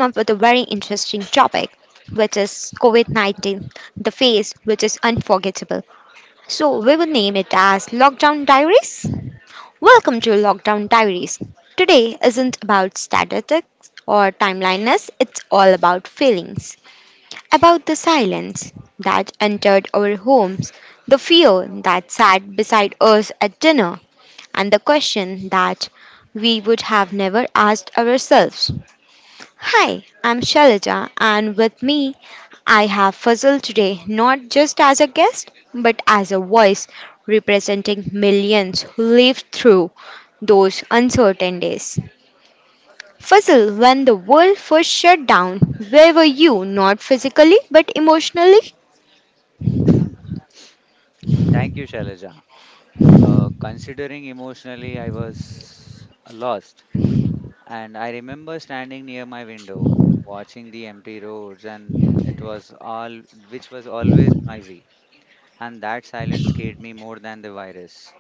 which is COVID-19, the phase which is unforgettable. So we will name it as Lockdown Diaries. Welcome to Lockdown Diaries. Today isn't about statistics or timeliness, it's all about feelings about the silence that entered our homes, the fear that sat beside us at dinner, and the question that we would have never asked ourselves. Hi, I'm Shalaja, and with me, I have Fazil today not just as a guest but as a voice representing millions who lived through those uncertain days. Fazil, when the world first shut down, where were you? Not physically, but emotionally? Thank you, Shailaja. Considering emotionally, I was lost. And I remember standing near my window, watching the empty roads, and it was all, which was always noisy. And that silence scared me more than the virus.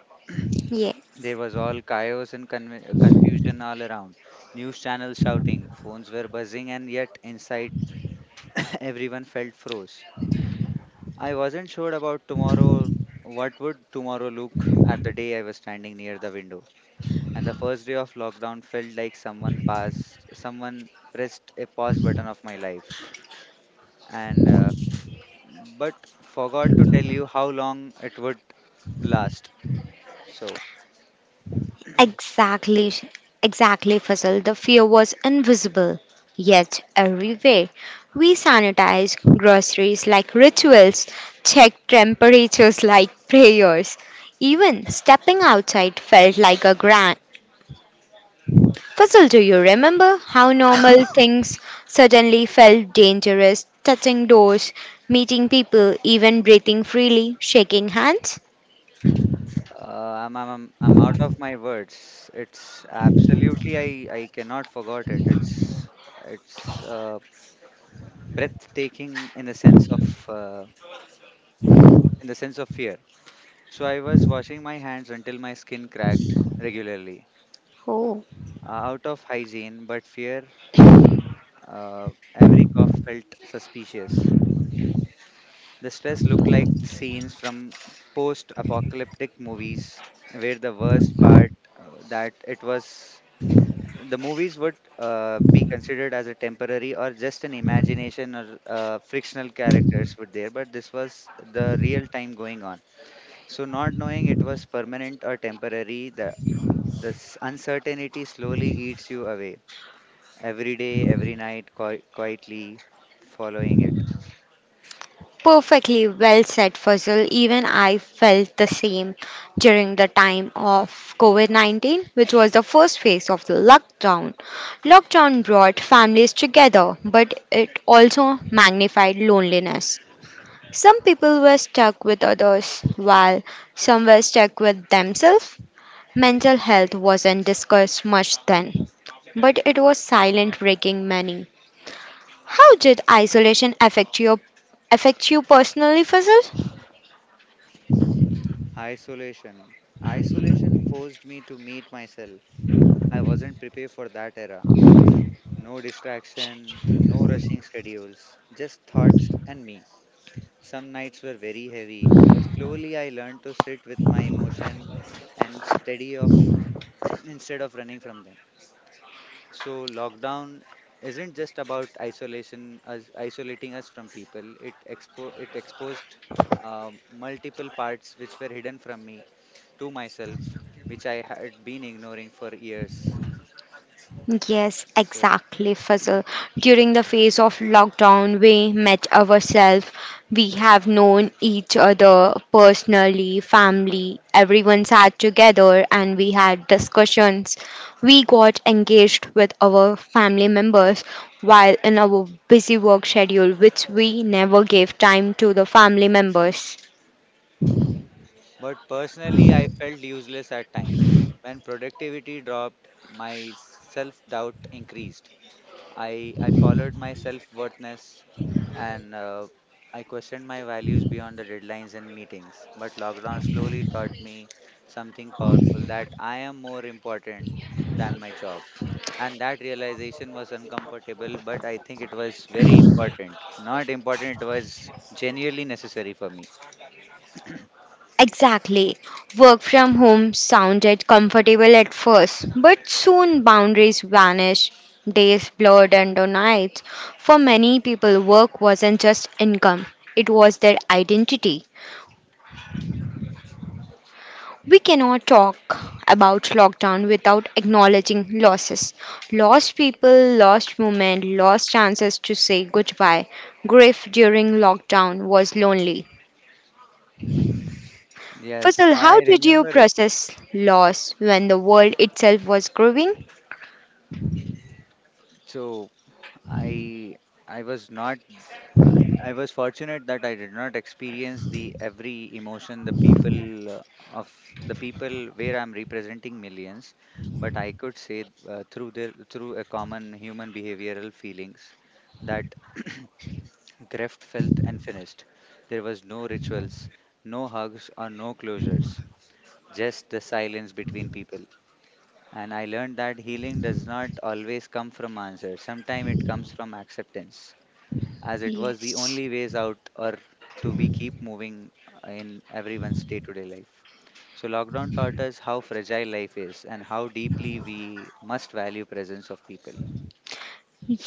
Yeah, There was all chaos and confusion all around. News channels shouting, phones were buzzing, and yet inside, everyone felt froze. I wasn't sure about tomorrow. What would tomorrow look at the day I was standing near the window? And the first day of lockdown felt like someone passed someone pressed a pause button of my life and but forgot to tell you how long it would last. So exactly, exactly, Fazal. The fear was invisible, yet everywhere. We sanitize groceries like rituals, check temperatures like prayers. Even stepping outside felt like a grant. Fazal, do you remember how normal things suddenly felt dangerous? Touching doors, meeting people, even breathing freely, shaking hands? I'm out of my words. It's absolutely I cannot forget it it's uh, Breathtaking in the sense of uh, in the sense of fear. So I was washing my hands until my skin cracked regularly, out of hygiene but fear. Every cough felt suspicious. The stress looked like scenes from post apocalyptic movies, where the worst part that it was, the movies would be considered as a temporary or just an imagination or frictional characters were there, but this was the real time going on. So, not knowing it was permanent or temporary, the this uncertainty slowly eats you away every day, every night, quietly following it. Perfectly well said, Fazil. Even I felt the same during the time of COVID 19, which was the first phase of the lockdown. Lockdown brought families together, but it also magnified loneliness. Some people were stuck with others, while some were stuck with themselves. Mental health wasn't discussed much then, but it was silent breaking many. How did isolation affect you personally, Fazil? Isolation. Isolation forced me to meet myself. I wasn't prepared for that era. No distraction, no rushing schedules, just thoughts and me. Some nights were very heavy, but slowly I learned to sit with my emotion and steady off instead of running from them. So lockdown isn't just about isolation as isolating us from people. It exposed multiple parts which were hidden from me to myself, which I had been ignoring for years. Yes, So, exactly, Fazal. During the phase of lockdown, we met ourselves. We have known each other personally, family. Everyone sat together and we had discussions. We got engaged with our family members while in our busy work schedule, which we never gave time to the family members. but personally, I felt useless at times. When productivity dropped, my self doubt increased. I followed my self-worthness and I questioned my values beyond the deadlines and meetings. But lockdown slowly taught me something powerful, that I am more important than my job. And that realization was uncomfortable, but I think it was very important. Not important, it was genuinely necessary for me. Exactly. Work from home sounded comfortable at first, but soon boundaries vanished. Days blurred into nights. For many people, work wasn't just income, it was their identity. We cannot talk about lockdown without acknowledging losses. Lost people, lost moment, lost chances to say goodbye. Grief during lockdown was lonely. Yes, Faisal, I how did you remember it. process loss when the world itself was growing? So I I was not I I was fortunate that I did not experience the every emotion the people uh, of, the people where I'm representing millions, but I could say through a common human behavioral feelings that Greft felt and finished. There was no rituals, no hugs or no closures, just the silence between people. And I learned that healing does not always come from answers. Sometimes it comes from acceptance, as it was the Yes. only ways out, or to be keep moving in everyone's day-to-day life. So lockdown taught us how fragile life is and how deeply we must value presence of people.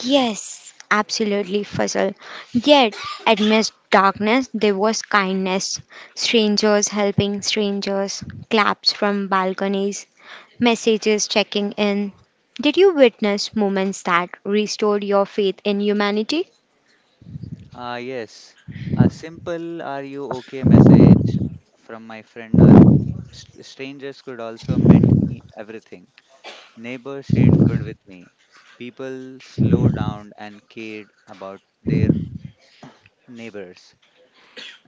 Yes, absolutely, Faisal. Yet, amidst darkness, there was kindness. Strangers helping strangers, claps from balconies, messages checking in. Did you witness moments that restored your faith in humanity? Ah, yes, a simple "Are you okay?" message from my friend or strangers could also meant me everything. Neighbors shared food with me. People slowed down and cared about their neighbors.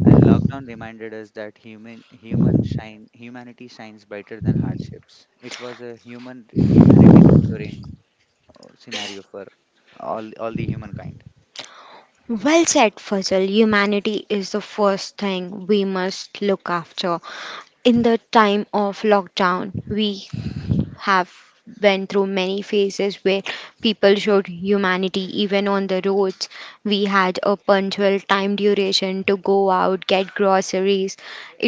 And lockdown reminded us that humanity shines brighter than hardships. It was a humanity restoring scenario for all the humankind. Well said, Fuzzle. Humanity is the first thing we must look after. In the time of lockdown we have went through many phases where people showed humanity even on the roads. We had a punctual time duration to go out get groceries.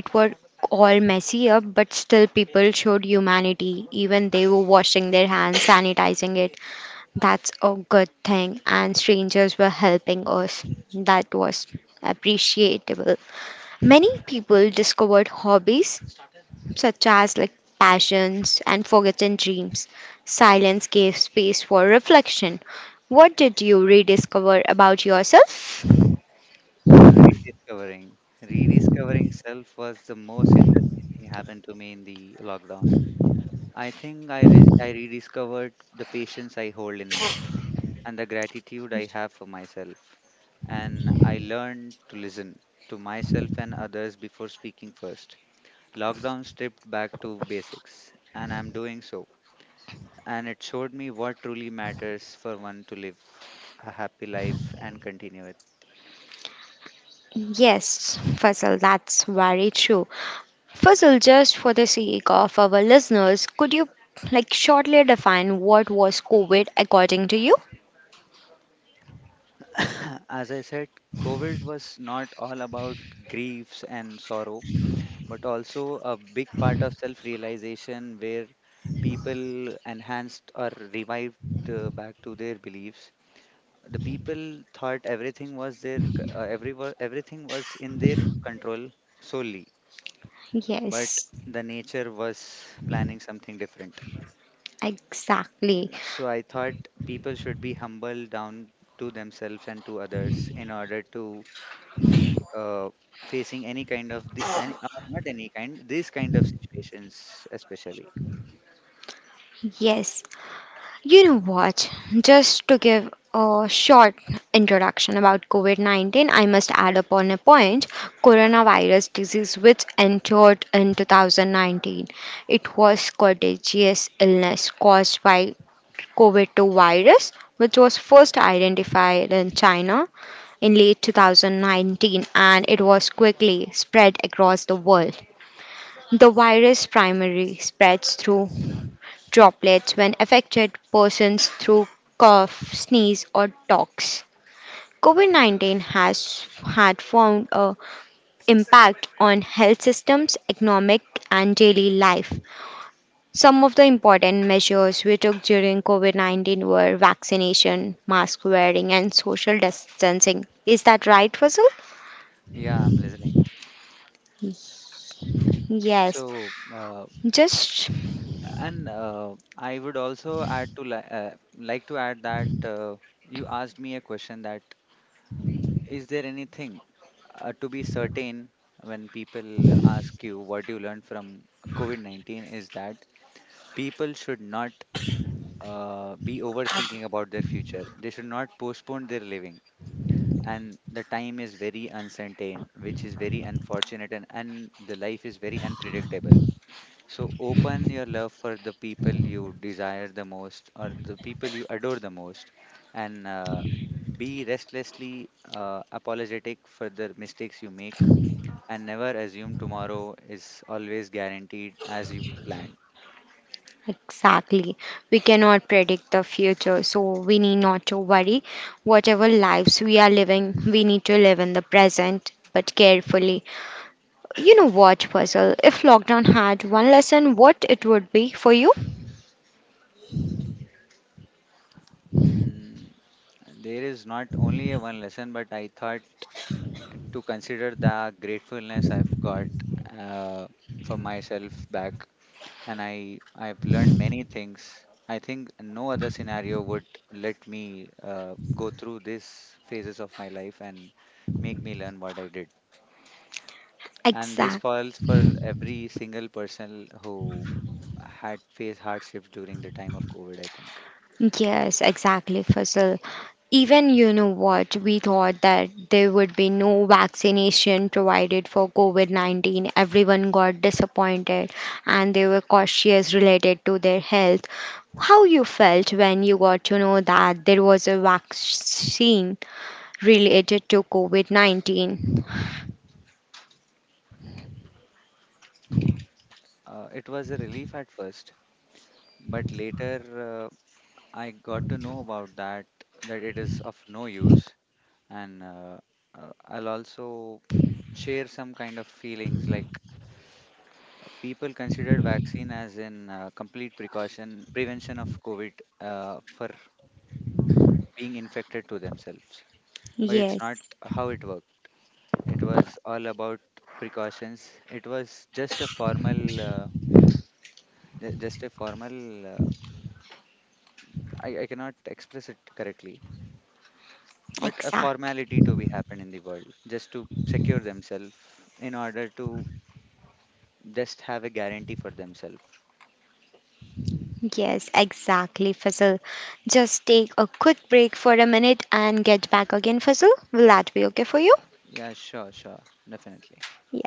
It was all messy up, but still people showed humanity, even they were washing their hands, sanitizing it. That's a good thing, and strangers were helping us. That was appreciable. Many people discovered hobbies such as like passions and forgotten dreams. Silence gave space for reflection. What did you rediscover about yourself? Rediscovering self was the most interesting thing happened to me in the lockdown. I think I rediscovered the patience I hold in me and the gratitude I have for myself. And I learned to listen to myself and others before speaking first. Lockdown stripped back to basics, and I'm doing so. And it showed me what truly matters for one to live a happy life and continue it. Yes, Faisal, that's very true. Faisal, just for the sake of our listeners, could you like shortly define what was COVID according to you? As I said, COVID was not all about griefs and sorrow, but also a big part of self realization where people enhanced or revived back to their beliefs. The people thought everything was their, everything was in their control solely, but Yes, the nature was planning something different. exactly. So I thought people should be humble down to themselves and to others in order to be, facing any kind of the any not any kind these kind of situations especially. Yes, you know what? Just to give a short introduction about COVID 19, I must add upon a point coronavirus disease, which entered in 2019. It was contagious illness caused by COVID 2 virus, which was first identified in China in late 2019 and it was quickly spread across the world. The virus primarily spreads through droplets when affected persons through cough, sneeze, or talks. COVID 19 has had found a impact on health systems, economic, and daily life. Some of the important measures we took during COVID 19 were vaccination, mask wearing, and social distancing. Is that right, Fazul? Yeah, I'm listening. Yes. So Just and I would also like to add that, you asked me a question, that is there anything to be certain, when people ask you what you learned from COVID-19, is that people should not be overthinking about their future. They should not postpone their living. And the time is very uncertain, which is very unfortunate, and the life is very unpredictable. So open your love for the people you desire the most or the people you adore the most, and be restlessly apologetic for the mistakes you make, and never assume tomorrow is always guaranteed as you planned. exactly. We cannot predict the future, so we need not to worry. Whatever lives we are living, we need to live in the present, but carefully. You know what, Puzzle? If lockdown had one lesson, what it would be for you? Mm, there is not only a one lesson, but I thought to consider the gratefulness I've got uh, for myself back, and I've learned many things. I think no other scenario would let me go through these phases of my life and make me learn what I did. And this Exactly. falls for every single person who had faced hardships during the time of COVID, I think. Yes, exactly, Faisal. Even you know what, we thought that there would be no vaccination provided for COVID 19. Everyone got disappointed and they were cautious related to their health. How you felt when you got to know that there was a vaccine related to COVID 19? It was a relief at first, but later I got to know about that, that it is of no use. And I'll also share some kind of feelings, like, people considered vaccine as in complete precaution, prevention of COVID for being infected to themselves. But it's Yes, not how it works. It was all about precautions. It was just a formal, I cannot express it correctly, but a exactly. formality to be happened in the world, just to secure themselves in order to just have a guarantee for themselves. Yes, exactly, Faisal. Just take a quick break for a minute and get back again, Faisal. Will that be okay for you? Yeah, sure, sure, definitely. Yeah.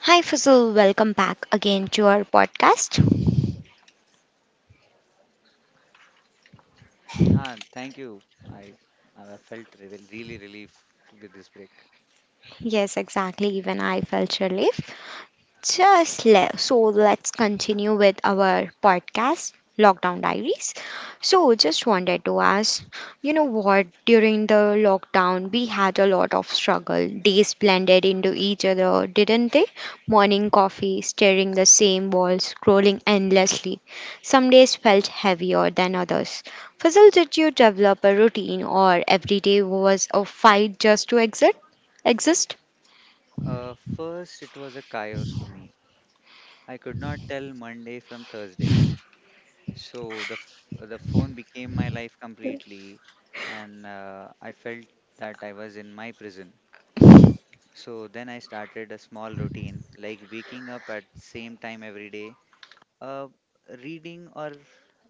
Hi, Faisal. Welcome back again to our podcast. Ah, thank you. I, I felt really relief with this break. Yes, exactly. Even I felt relief. So let's continue with our podcast, Lockdown Diaries. So, just wanted to ask, you know what? During the lockdown, we had a lot of struggle. Days blended into each other, didn't they? Morning coffee, staring the same wall, scrolling endlessly. Some days felt heavier than others. Fazal, did you develop a routine, or every day was a fight just to exit? Exist? First, it was a chaos for me. I could not tell Monday from Thursday. So the phone became my life completely, and I felt that I was in my prison. So then I started a small routine, like waking up at same time every day, uh, reading or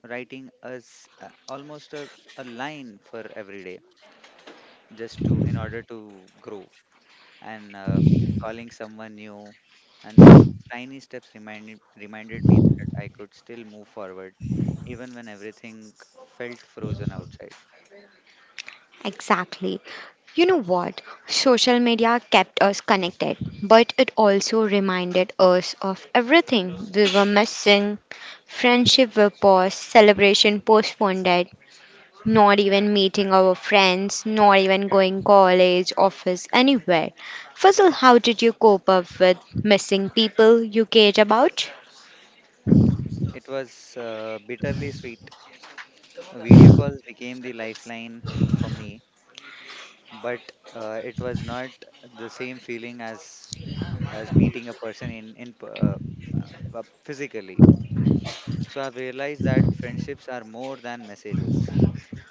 writing as almost a line for every day, just to in order to grow and calling someone new. And those tiny reminded me that I could still move forward, even when everything felt frozen outside. Exactly. You know what? Social media kept us connected, but it also reminded us of everything we were missing. Friendship were paused, celebration postponed, not even meeting our friends, not even going college, office, anywhere. First of all, how did you cope up with missing people you cared about? It was bitterly sweet. Video calls became the lifeline for me, but it was not the same feeling as meeting a person physically. So I've realized that friendships are more than messages.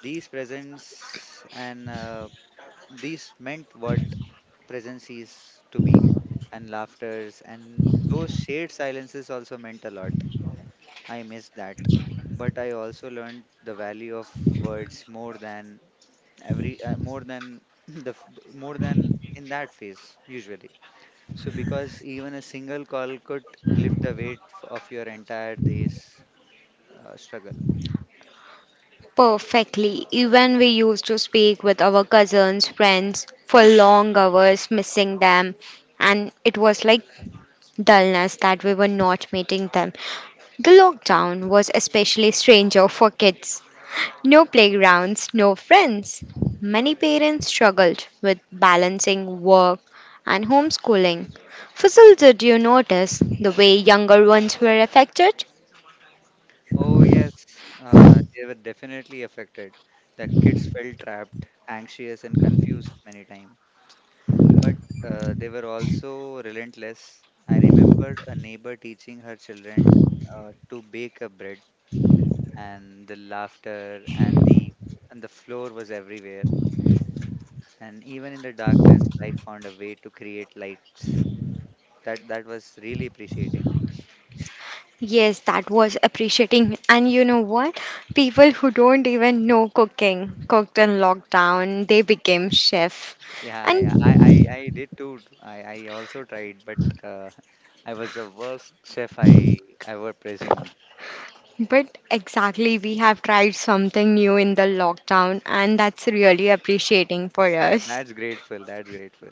These presents and these meant what presence is to be, and laughters, and those shared silences also meant a lot. I missed that. But I also learned the value of words more than more than the, f- more than in that phase usually. So because even a single call could lift the weight of your entire day's struggle. Perfectly. Even we used to speak with our cousins, friends for long hours, missing them. And it was like dullness that we were not meeting them. The lockdown was especially stranger for kids. No playgrounds, no friends. Many parents struggled with balancing work and homeschooling. Fussel, did you notice the way younger ones were affected? Oh yes, they were definitely affected. The kids felt trapped, anxious, and confused many times. But they were also relentless. I remembered a neighbor teaching her children to bake a bread, and the laughter and the floor was everywhere. And even in the darkness, life found a way to create lights. That was really appreciating. Yes, that was appreciating. And you know what? People who don't even know cooking cooked in lockdown, they became chef. Yeah, And yeah. I did too. I also tried, but I was the worst chef I ever presumed. but exactly, we have tried something new in the lockdown, and that's really appreciating for Yeah, us. that's grateful. That's grateful.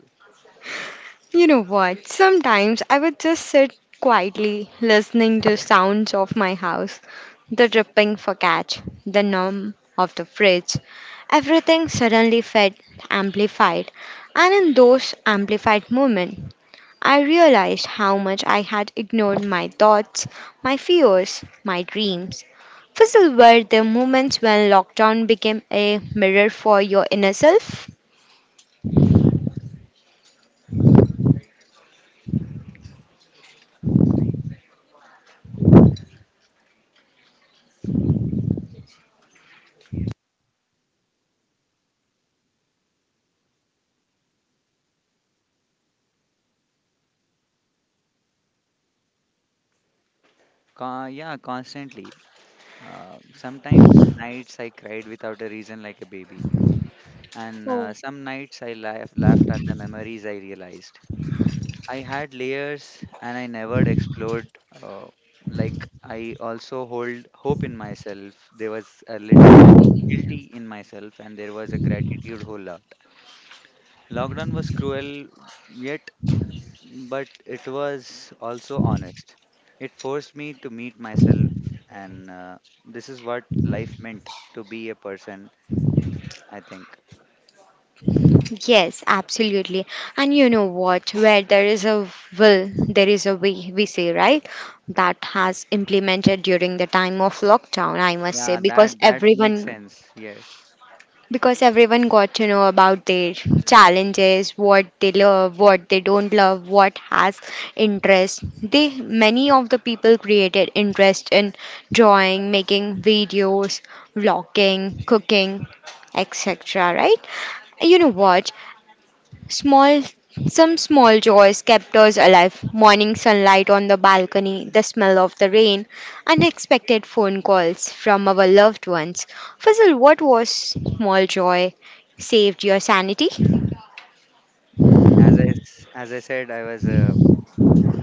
You know what? Sometimes I would just sit quietly listening to sounds of my house, the dripping focaccia, the hum of the fridge. Everything suddenly felt amplified, and in those amplified moments, I realized how much I had ignored my thoughts, my fears, my dreams. Fizzle were the moments when lockdown became a mirror for your inner self. Con Yeah, constantly. Sometimes nights I cried without a reason like a baby, and some nights I laughed at the memories I realized. I had layers and I never explored. Like, I also hold hope in myself. There was a little bit guilty in myself, and there was a gratitude whole lot. Lockdown was cruel, yet, but it was also honest. It forced me to meet myself, and this is what life meant to be a person, I think. Yes, absolutely. And you know what? Where there is a will, there is a way, we say, right? That has implemented during the time of lockdown, I must say, Yeah, that that makes sense. Yes. because everyone got to know about their challenges, what they love, what they don't love, what has interest. They many of the people created interest in drawing, making videos, vlogging, cooking, etc. Right? You know what? Small, some small joys kept us alive. Morning sunlight on the balcony, the smell of the rain, unexpected phone calls from our loved ones. Fazil, what was small joy saved your sanity? Mm, as I said, I was a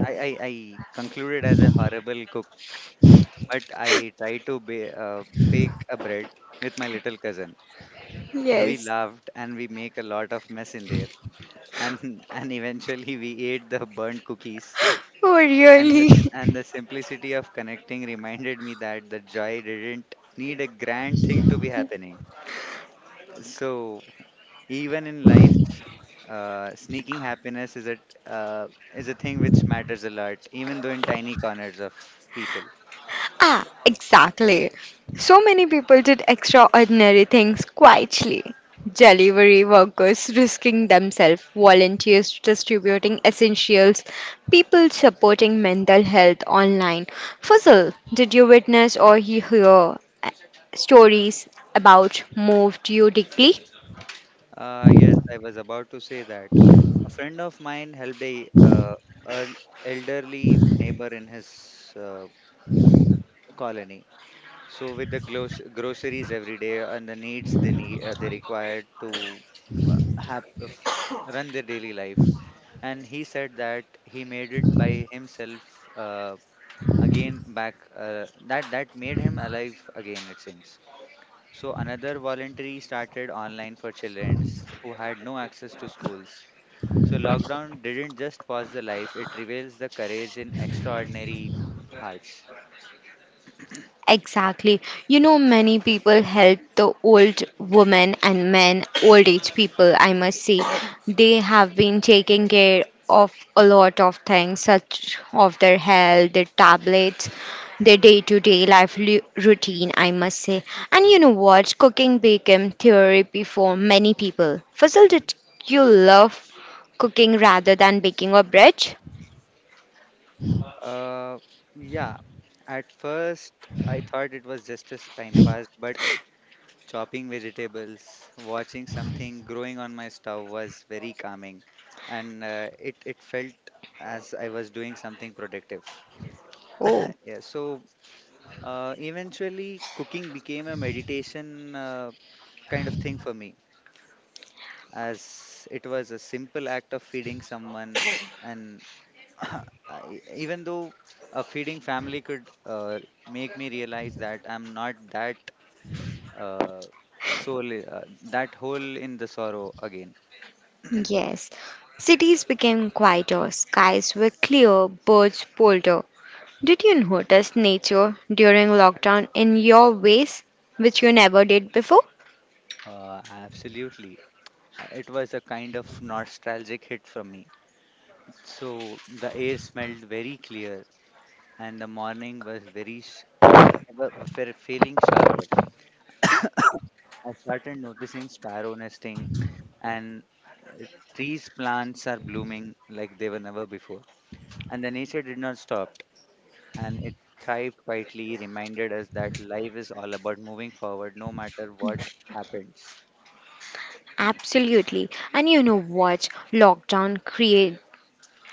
I I, I concluded as a horrible cook, but I tried to bake a bread with my little cousin. We Yes. laughed and we make a lot of mess in there. And and eventually we ate the burnt cookies. Oh, And the, really? and the simplicity of connecting reminded me that the joy didn't need a grand thing to be happening. So even in life, sneaking happiness uh, is a thing which matters a lot, even though in tiny corners of people. Ah, exactly. So many people did extraordinary things quietly. Delivery workers risking themselves, volunteers distributing essentials, people supporting mental health online. Fuzzle, did you witness or hear stories about moved you deeply? Yes, I was about to say that a friend of mine helped a el- elderly neighbor in his colony, so with the groceries every day and the needs they need, they required to have run their daily life, and he said that he made it by himself again back. That made him alive again, it seems. So another voluntary started online for childrens who had no access to schools. So lockdown didn't just pause the life; it reveals the courage in extraordinary hearts. Exactly. You know, many people help the old women and men, old age people, I must say. They have been taking care of a lot of things, such of their health, their tablets, their day to day life routine, I must say. And you know what? Cooking became therapy for many people. Fuzzle, did you love cooking rather than baking or bread? Uh, yeah. At first, I thought it was just as time passed, but chopping vegetables, watching something growing on my stove was very calming, and it felt as I was doing something productive. Oh. Yeah. So eventually, cooking became a meditation kind of thing for me, as it was a simple act of feeding someone, and I- even though a feeding family could make me realize that I'm not that uh, soul, that hole in the sorrow again. Yes, cities became quieter, skies were clear, birds bolder. Did you notice nature during lockdown in your ways, which you never did before? Absolutely. It was a kind of nostalgic hit for me. So the air smelled very clear, and the morning was very uh, feeling sharper. I started noticing sparrow nesting, and uh, trees plants are blooming like they were never before. And the nature did not stop, and it thrived quietly, reminded us that life is all about moving forward no matter what happens. Absolutely. And you know what? Lockdown create,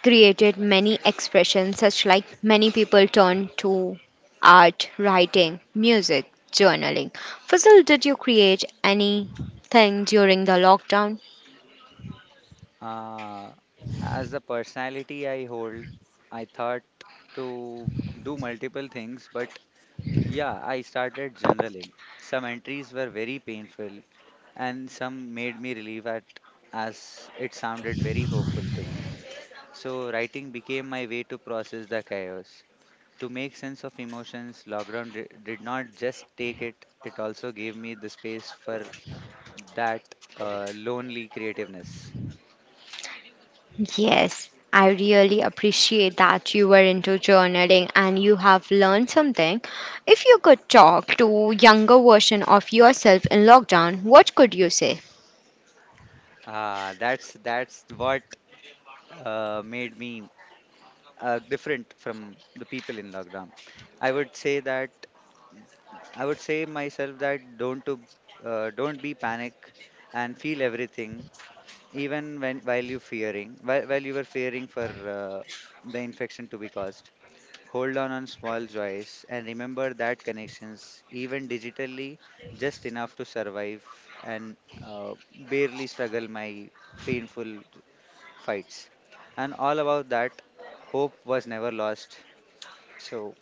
created many expressions, such like many people turn to art, writing, music, journaling. Fazal, did you create anything during the lockdown? Uh, as the personality I hold, I thought to do multiple things, but yeah, I started journaling. Some entries were very painful, and some made me relieve at as it sounded very hopeful to me. So writing became my way to process the chaos, to make sense of emotions. Lockdown did not just take it, it also gave me the space for that lonely creativeness. Yes, I really appreciate that you were into journaling and you have learned something. If you could talk to younger version of yourself in lockdown, what could you say? Ah, that's what made me different from the people in lockdown. I would say that I would say myself that don't to don't be panic and feel everything even when while you fearing while you were fearing for uh, the infection to be caused. Hold on small joys and remember that connections, even digitally, just enough to survive and barely struggle my painful fights. And all about that, hope was never lost. So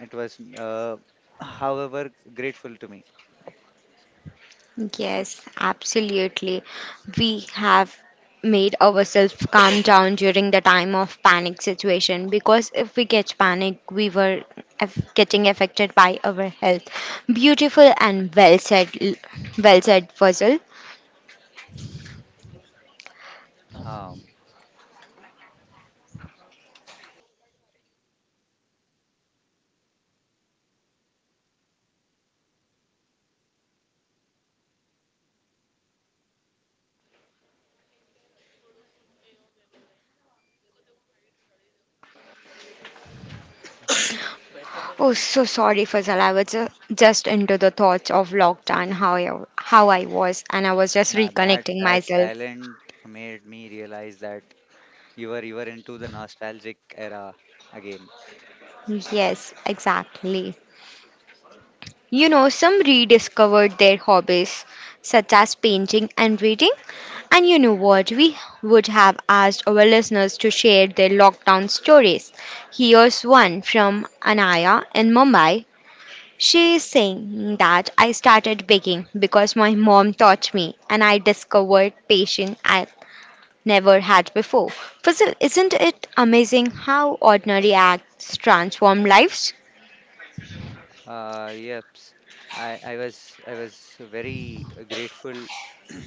it was, however, grateful to me. Yes, absolutely. We have made ourselves calm down during the time of panic situation, because if we get panic we were getting affected by our health. Beautiful and well said, well said, Fuzzle. Um, Oh, so sorry, Fazal. I was just into the thoughts of lockdown, how I was, and I was just yeah, that reconnecting that myself. silent made me realize that you were into the nostalgic era again. Yes, exactly. You know, some rediscovered their hobbies, such as painting and reading. And you know what? We would have asked our listeners to share their lockdown stories. Here's one from Anaya in Mumbai. She is saying that I started baking because my mom taught me and I discovered patience I never had before. Fazil, isn't it amazing how ordinary acts transform lives? Yeps. I was very grateful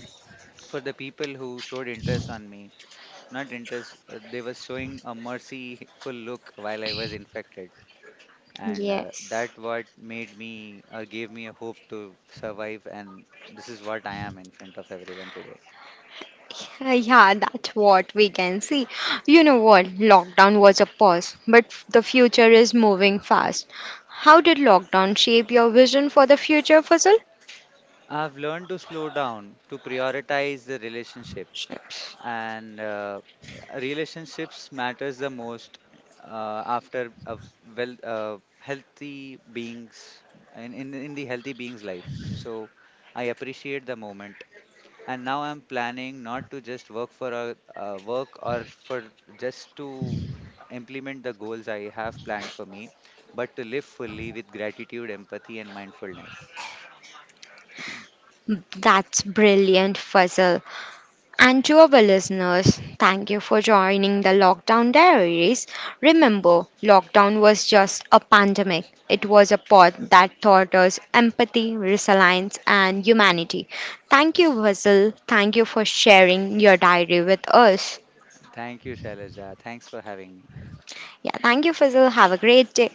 for the people who showed interest on me. Not interest, they were showing a merciful look while I was infected, and Yes. that what made me or gave me a hope to survive. And this is what I am in front of everyone today. Yeah, that's what we can see. You know what? Lockdown was a pause, but the future is moving fast. How did lockdown shape your vision for the future, Fazil? I've learned to slow down, to prioritize the relationship Sure. and relationships matters the most after a well healthy beings in the healthy beings life. So I appreciate the moment, and now I'm planning not to just work for a work or for just to implement the goals I have planned for me, but to live fully with gratitude, empathy and mindfulness. That's brilliant, Fuzzle. And to our listeners, thank you for joining the Lockdown Diaries. Remember, lockdown was just a pandemic. It was a pod that taught us empathy, resilience, and humanity. Thank you, Fuzzle. Thank you for sharing your diary with us. Thank you, Shailaja. Thanks for having me. Yeah, thank you, Fuzzle. Have a great day.